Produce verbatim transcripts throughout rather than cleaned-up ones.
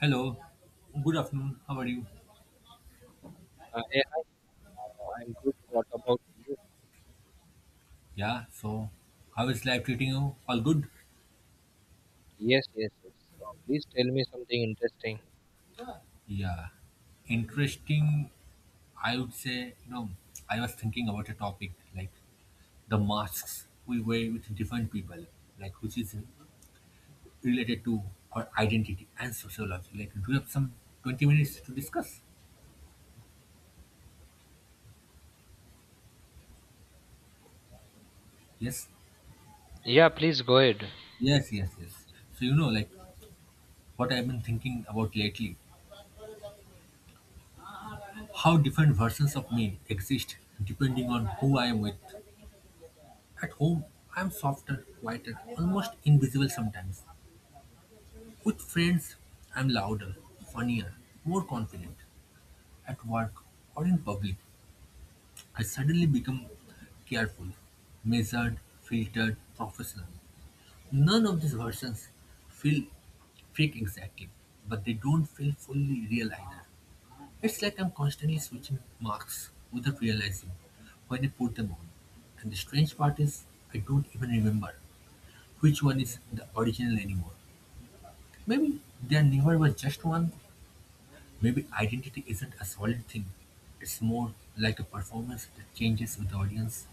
Hello, good afternoon. How are you? Uh, hey, hello, I'm good. What about you? Yeah, so how is life treating you? All good? Yes, yes, yes. So please tell me something interesting. Yeah, interesting. I would say, you know, I was thinking about a topic like the masks we wear with different people, like which is related to our identity and sociology. Like, do you have some twenty minutes to discuss? Yes, Yeah, please go ahead. yes, yes, yes. So, you know, like what I've been thinking about lately, how different versions of me exist depending on who I am with. At home, I'm softer, quieter, almost invisible sometimes. With friends, I'm louder, funnier, more confident. At work or in public, I suddenly become careful, measured, filtered, professional. None of these versions feel fake exactly, but they don't feel fully real either. It's like I'm constantly switching masks without realizing when I put them on. And the strange part is, I don't even remember which one is the original anymore. Maybe there never was just one. Maybe identity isn't a solid thing. It's more like a performance that changes with the audience.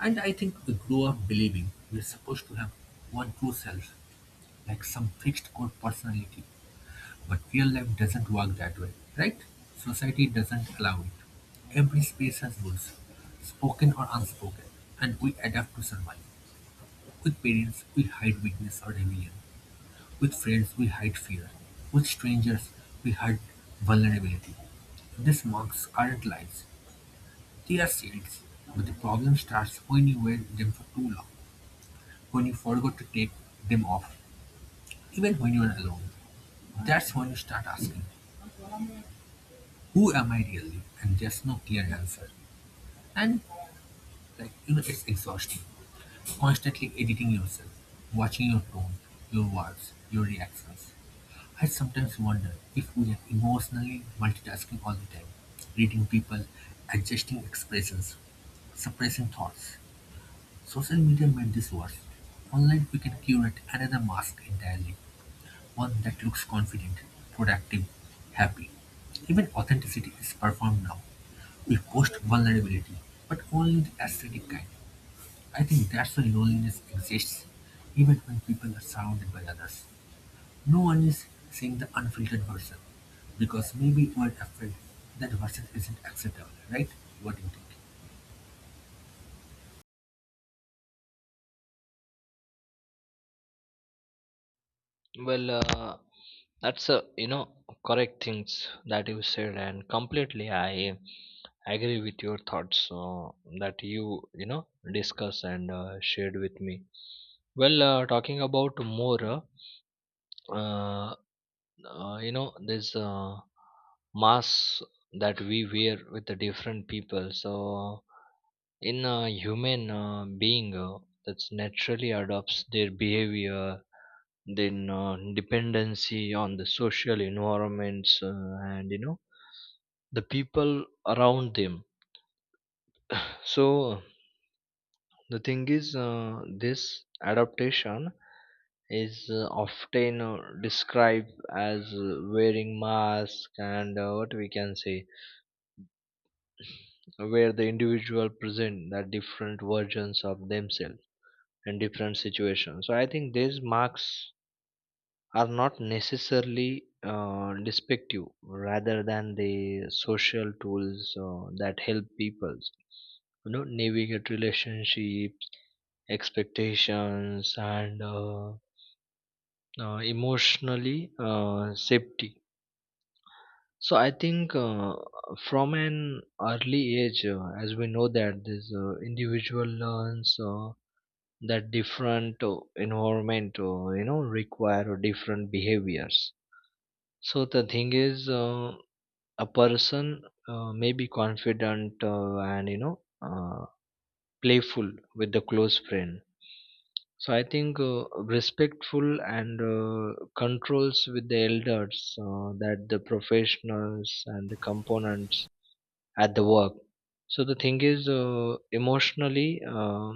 And I think we grow up believing we're supposed to have one true self, like some fixed core personality. But real life doesn't work that way, right? Society doesn't allow it. Every space has rules, spoken or unspoken, and we adapt to survive. With parents, we hide weakness or rebellion. With friends we hide fear, with strangers we hide vulnerability. These marks aren't lies, they are seeds. But the problem starts when you wear them for too long, when you forgot to take them off, even when you are alone. That's when you start asking, who am I really? And there's no clear answer. And, like, you know, it's exhausting. Constantly editing yourself, watching your tone, your words, your reactions. I sometimes wonder if we are emotionally multitasking all the time, reading people, adjusting expressions, suppressing thoughts. Social media made this worse. Online, we can curate another mask entirely, one that looks confident, productive, happy. Even authenticity is performed now. We post vulnerability, but only the aesthetic kind. I think that's why loneliness exists, even when people are surrounded by others. No one is seeing the unfiltered version, because maybe we're afraid that version isn't acceptable, right? What do you think? Well, uh, that's a you know correct things that you said, and completely I agree with your thoughts uh, that you you know discuss and uh, shared with me. Well, uh, talking about more, uh, uh, uh, you know, this uh, mask that we wear with the different people. So in a human uh, being uh, that naturally adopts their behavior then uh, dependency on the social environments, uh, and you know the people around them, so the thing is, uh, this adaptation is uh, often uh, described as uh, wearing mask and uh, what we can say where the individual present the different versions of themselves in different situations. So I think this marks are not necessarily uh, despective rather than the social tools uh, that help people, you know, navigate relationships, expectations, and uh, uh, emotionally uh, safety. So I think, uh, from an early age, uh, as we know that this uh, individual learns uh, that different uh, environment, uh, you know, require different behaviors. So the thing is, uh, a person uh, may be confident uh, and you know uh, playful with the close friend. So I think, uh, respectful and uh, controls with the elders, uh, that the professionals and the components at the work. So the thing is, uh, emotionally uh,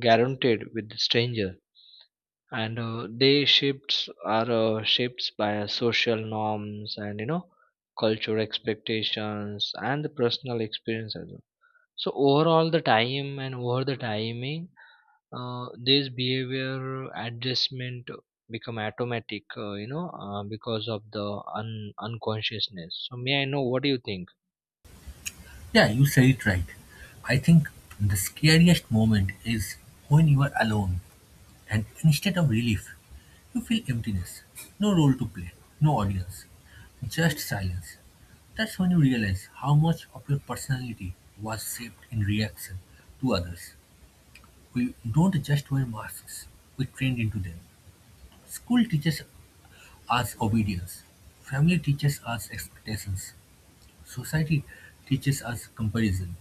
guaranteed with the stranger and uh, they shifts are uh, shaped by uh, social norms and you know cultural expectations and the personal experience as well. So overall the time and over the timing, uh, this behavior adjustment become automatic, uh, you know, uh, because of the un- unconsciousness. So may I know what do you think? Yeah, you said it right. I think the scariest moment is when you are alone and instead of relief, you feel emptiness. No role to play, no audience, just silence. That's when you realize how much of your personality was shaped in reaction to others. We don't just wear masks, we trained into them. School teaches us obedience. Family teaches us expectations. Society teaches us comparison.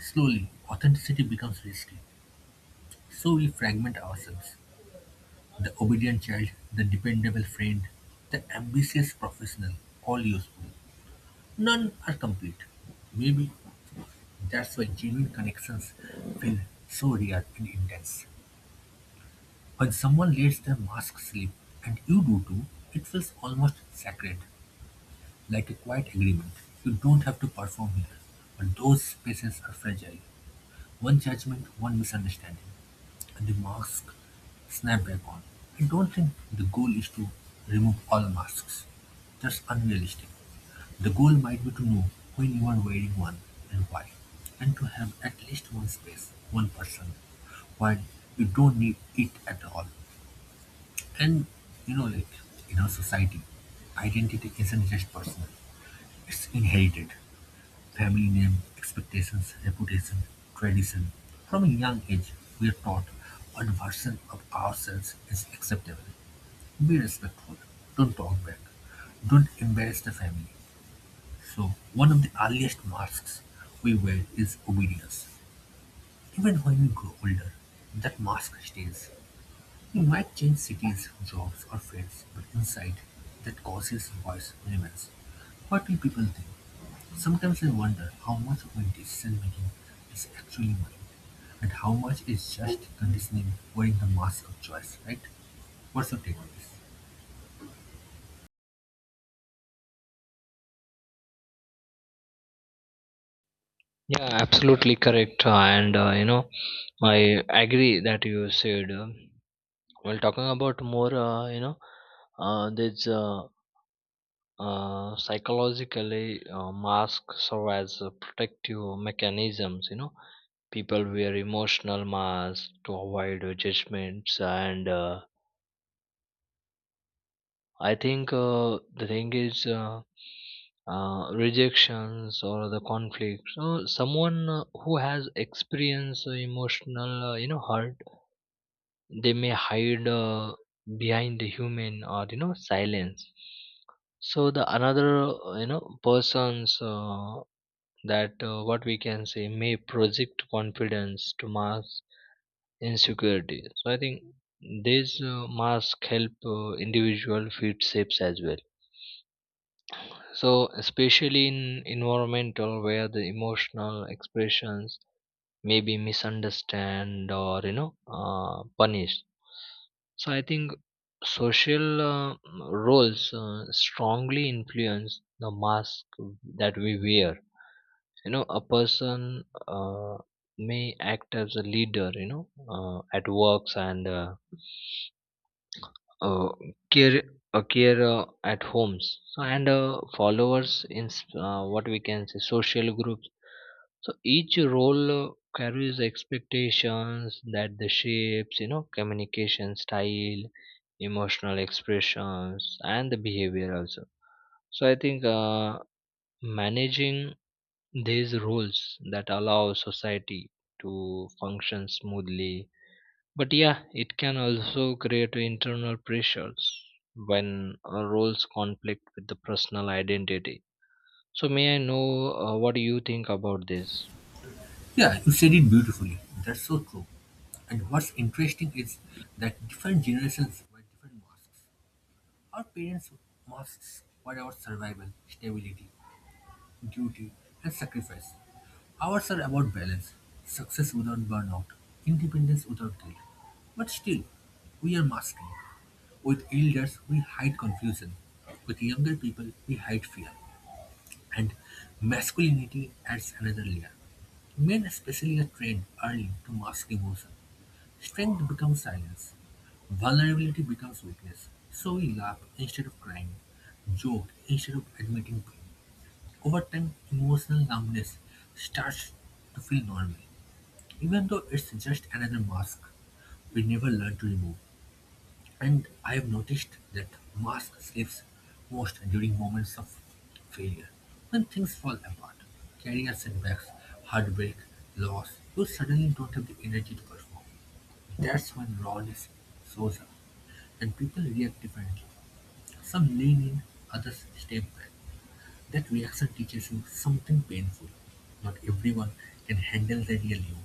Slowly, authenticity becomes risky, so we fragment ourselves. The obedient child, the dependable friend, the ambitious professional, all useful. None are complete. Maybe that's why genuine connections feel so rare and intense. When someone lets their mask slip, and you do too, it feels almost sacred. Like a quiet agreement, you don't have to perform here. But those spaces are fragile. One judgment, one misunderstanding, and the mask snap back on. I don't think the goal is to remove all masks. That's unrealistic. The goal might be to know when you are wearing one and why, and to have at least one space, one person, while you don't need it at all. And you know, like in our society, identity isn't just personal, it's inherited. Family name, expectations, reputation, tradition. From a young age we're taught what version of ourselves is acceptable. Be respectful, don't talk back, don't embarrass the family. So one of the earliest masks we wear is obedience. Even when we grow older, that mask stays. We might change cities, jobs or friends, but inside that cautious voice remains. What will people think? Sometimes I wonder how much of my decision-making is actually mine, and how much is just conditioning wearing the mask of choice, right? What's your take on this? Yeah, absolutely correct, uh, and uh, you know I agree that you said uh, well, talking about more, uh, you know, uh, there's uh, uh, psychologically uh, masks serve as a protective mechanisms. You know, people wear emotional masks to avoid uh, judgments, and uh, I think uh, the thing is uh, uh, rejections or the conflict. So, someone uh, who has experienced uh, emotional, uh, you know, hurt, they may hide uh, behind the human or you know silence. So the another uh, you know persons uh, that uh, what we can say may project confidence to mask insecurity. So I think these uh, mask help uh, individual feel safe as well, so especially in environmental where the emotional expressions maybe misunderstand or you know uh, punished. So I think social uh, roles uh, strongly influence the mask that we wear. You know, a person uh, may act as a leader, you know, uh, at works and uh, uh, care a carer at homes, so and uh, followers in s- uh, what we can say social groups. So each role uh, carries expectations that the shapes, you know, communication style, emotional expressions, and the behavior also. So I think, uh, managing these roles that allow society to function smoothly. But yeah, it can also create internal pressures when uh, roles conflict with the personal identity. So may I know uh, what do you think about this? Yeah, you said it beautifully. That's so true. And what's interesting is that different generations wear different masks. Our parents' masks were about survival, stability, duty, and sacrifice. Ours are about balance, success without burnout, independence without guilt. But still, we are masking. With elders, we hide confusion. With younger people, we hide fear. And masculinity adds another layer. Men especially are trained early to mask emotion. Strength becomes silence. Vulnerability becomes weakness. So we laugh instead of crying, joke instead of admitting pain. Over time, emotional numbness starts to feel normal, even though it's just another mask we never learn to remove. And I've noticed that Musk sleeps most during moments of failure, when things fall apart, career setbacks, heartbreak, loss, you suddenly don't have the energy to perform. That's when rawness shows up, and people react differently. Some lean in, others step back. That reaction teaches you something painful. Not everyone can handle the real you,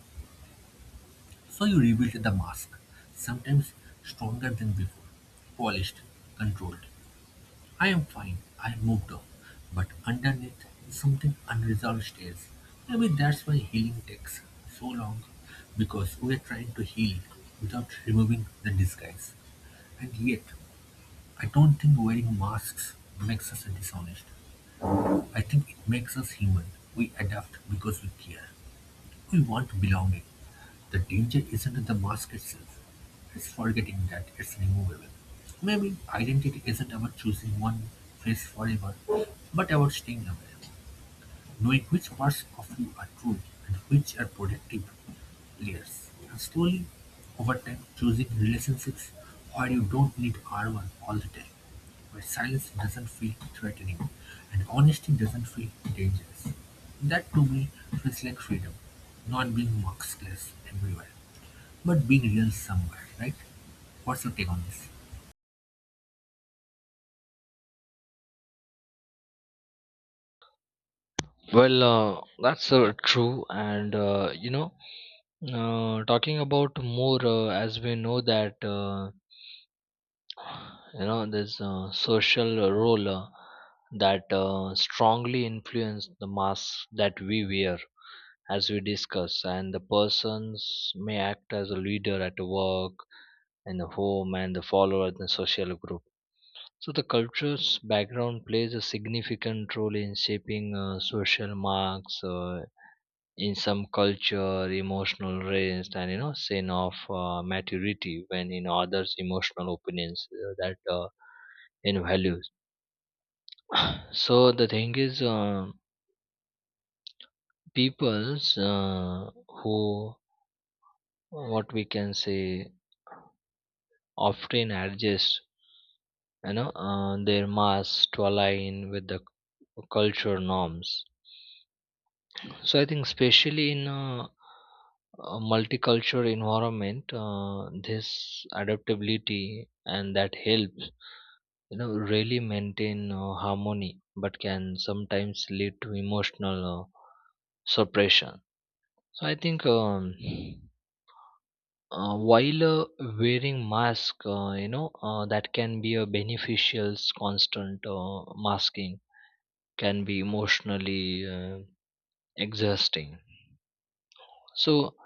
so you rebuild the mask, sometimes stronger than before, polished, controlled. I am fine. I moved on. But underneath, something unresolved stays. Maybe that's why healing takes so long. Because we are trying to heal without removing the disguise. And yet, I don't think wearing masks makes us dishonest. I think it makes us human. We adapt because we care. We want belonging. The danger isn't the mask itself, it's forgetting that it's removable. Maybe identity isn't about choosing one face forever, but about staying aware, knowing which parts of you are true and which are protective layers. And slowly, over time, choosing relationships where you don't need armor all the time, where silence doesn't feel threatening and honesty doesn't feel dangerous. That to me feels like freedom, not being maskless everywhere but being real somewhere, right? What's your take on this? Well, uh, that's uh, true, and uh, you know, uh, talking about more, uh, as we know that uh, you know this uh, social role uh, that uh, strongly influence the mask that we wear, as we discuss, and the persons may act as a leader at work, in the home, and the follower in the social group. So the culture's background plays a significant role in shaping uh, social marks. Uh, in some culture emotional rest and you know sign of uh, maturity when in others emotional opinions uh, that uh, in values so the thing is, uh, peoples uh, who what we can say often adjust, you know, uh, their mass to align with the culture norms. So I think especially in a, a multicultural environment, uh, this adaptability and that helps, you know, really maintain uh, harmony, but can sometimes lead to emotional uh, suppression. So I think, um, uh, while uh, wearing mask, uh, you know, uh, that can be a beneficial constant uh, masking can be emotionally uh, exhausting. So,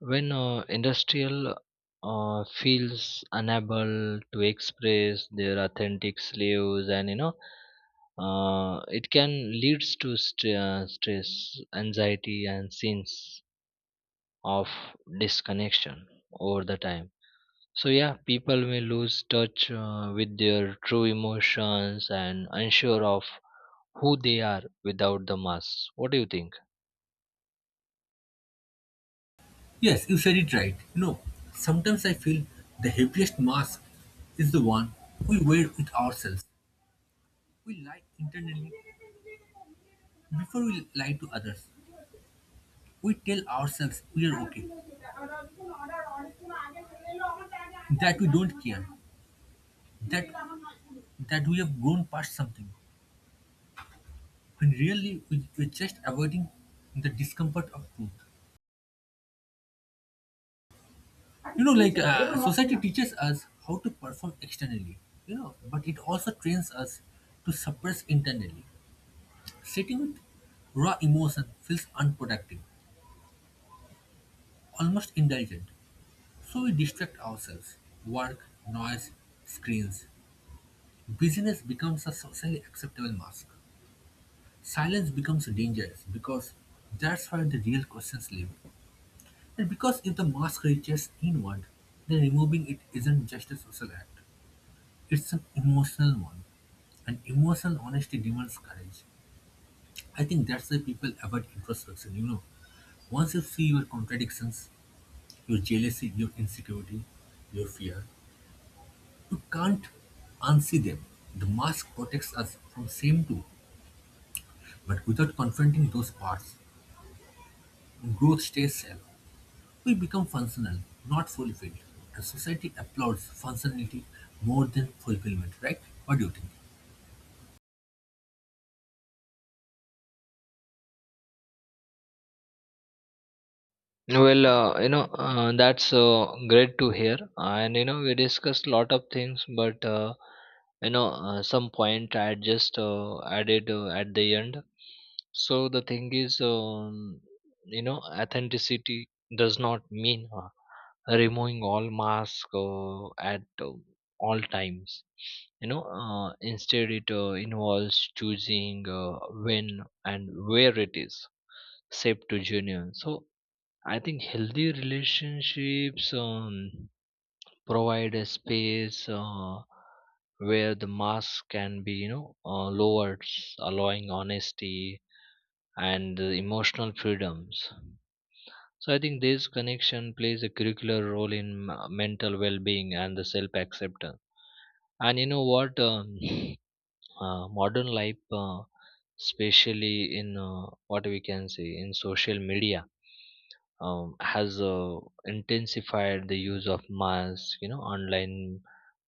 when uh, industrial uh, feels unable to express their authentic slaves, and you know, uh, it can leads to st- uh, stress, anxiety, and sense of disconnection over the time. So, yeah, people may lose touch uh, with their true emotions and unsure of who they are without the mask. What do you think? Yes, you said it right. You know, sometimes I feel the heaviest mask is the one we wear with ourselves. We lie internally before we lie to others. We tell ourselves we are okay, that we don't care, that that we have grown past something, when really we, we're just avoiding the discomfort of truth. You know like uh, society teaches us how to perform externally, you know but it also trains us to suppress internally. Sitting with raw emotion feels unproductive, almost indulgent, so we distract ourselves. Work, noise, screens, busyness becomes a socially acceptable mask. Silence becomes dangerous because that's where the real questions live. And because if the mask reaches inward, then removing it isn't just a social act, it's an emotional one, and emotional honesty demands courage. I think that's why people avoid introspection, you know. Once you see your contradictions, your jealousy, your insecurity, your fear, you can't unsee them. The mask protects us from shame too, but without confronting those parts, growth stays shallow. We become functional, not fulfilled, and society applauds functionality more than fulfillment, right? What do you think? Well, uh, you know, uh, that's uh, great to hear. And, you know, we discussed a lot of things, but, uh, you know, uh, some point I just uh, added uh, at the end. So the thing is, um, you know, authenticity does not mean uh, removing all masks uh, at uh, all times. You know, uh, instead it uh, involves choosing uh, when and where it is safe to genuine. So I think healthy relationships um, provide a space uh, where the mask can be, you know, uh, lowered, allowing honesty and uh, emotional freedoms. So I think this connection plays a curricular role in m- mental well-being and the self-acceptance. And you know what? Um, uh, modern life, uh, especially in uh, what we can say in social media, um, has uh, intensified the use of masks. You know, online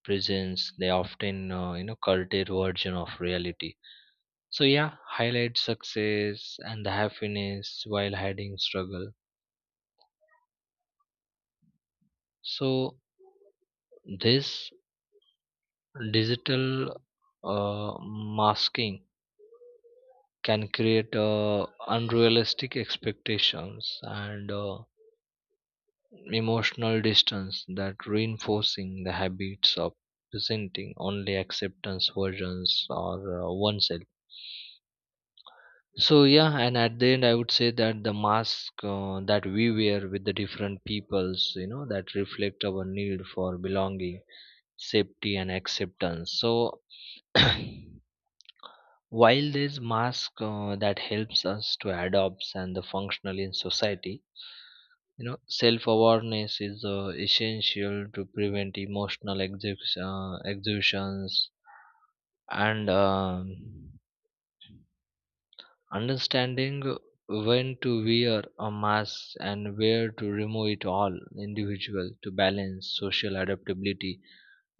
presence. They often uh, you know culted version of reality. So yeah, highlight success and the happiness while hiding struggle. So this digital uh, masking can create uh, unrealistic expectations and uh, emotional distance that reinforcing the habits of presenting only acceptance versions or uh, oneself. So yeah, and at the end I would say that the mask uh, that we wear with the different peoples, you know, that reflect our need for belonging, safety, and acceptance. So while there's mask uh, that helps us to adopt and the functional in society, you know, self-awareness is uh, essential to prevent emotional exhibits, uh, exhibitions, and um, understanding when to wear a mask and where to remove it all individual to balance social adaptability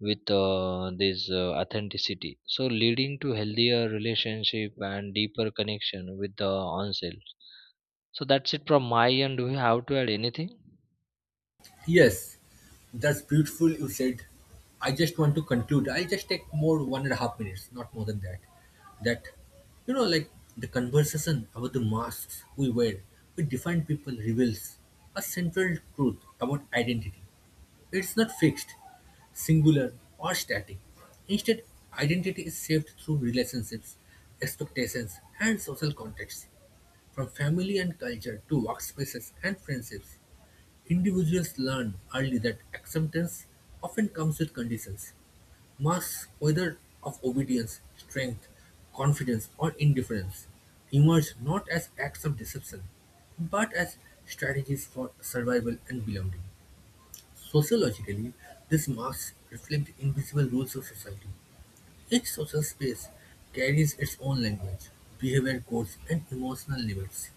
with uh, this uh, authenticity, so leading to healthier relationship and deeper connection with the oneself. So that's it from my end. Do you have to add anything? Yes, that's beautiful. You said, I just want to conclude. I'll just take more one and a half minutes, not more than that. That, you know, like the conversation about the masks we wear, we define people reveals a central truth about identity. It's not fixed, singular, or static. Instead, identity is shaped through relationships, expectations, and social contexts, from family and culture to workspaces and friendships. Individuals learn early that acceptance often comes with conditions. Masks, whether of obedience, strength, confidence, or indifference, emerge not as acts of deception, but as strategies for survival and belonging. Sociologically, these masks reflect invisible rules of society. Each social space carries its own language, behavior codes, and emotional limits.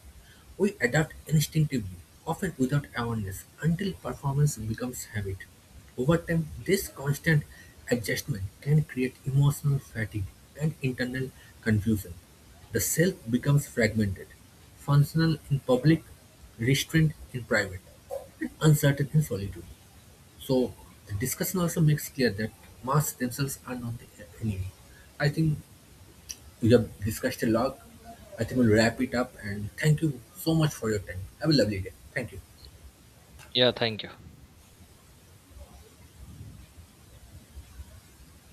We adapt instinctively, often without awareness, until performance becomes habit. Over time, this constant adjustment can create emotional fatigue and internal confusion. The self becomes fragmented, functional in public, restrained in private, and uncertain in solitude. So the discussion also makes clear that masks themselves are not the enemy. I think we have discussed a lot. I think we'll wrap it up and thank you so much for your time. Have a lovely day. Thank you. Yeah, thank you.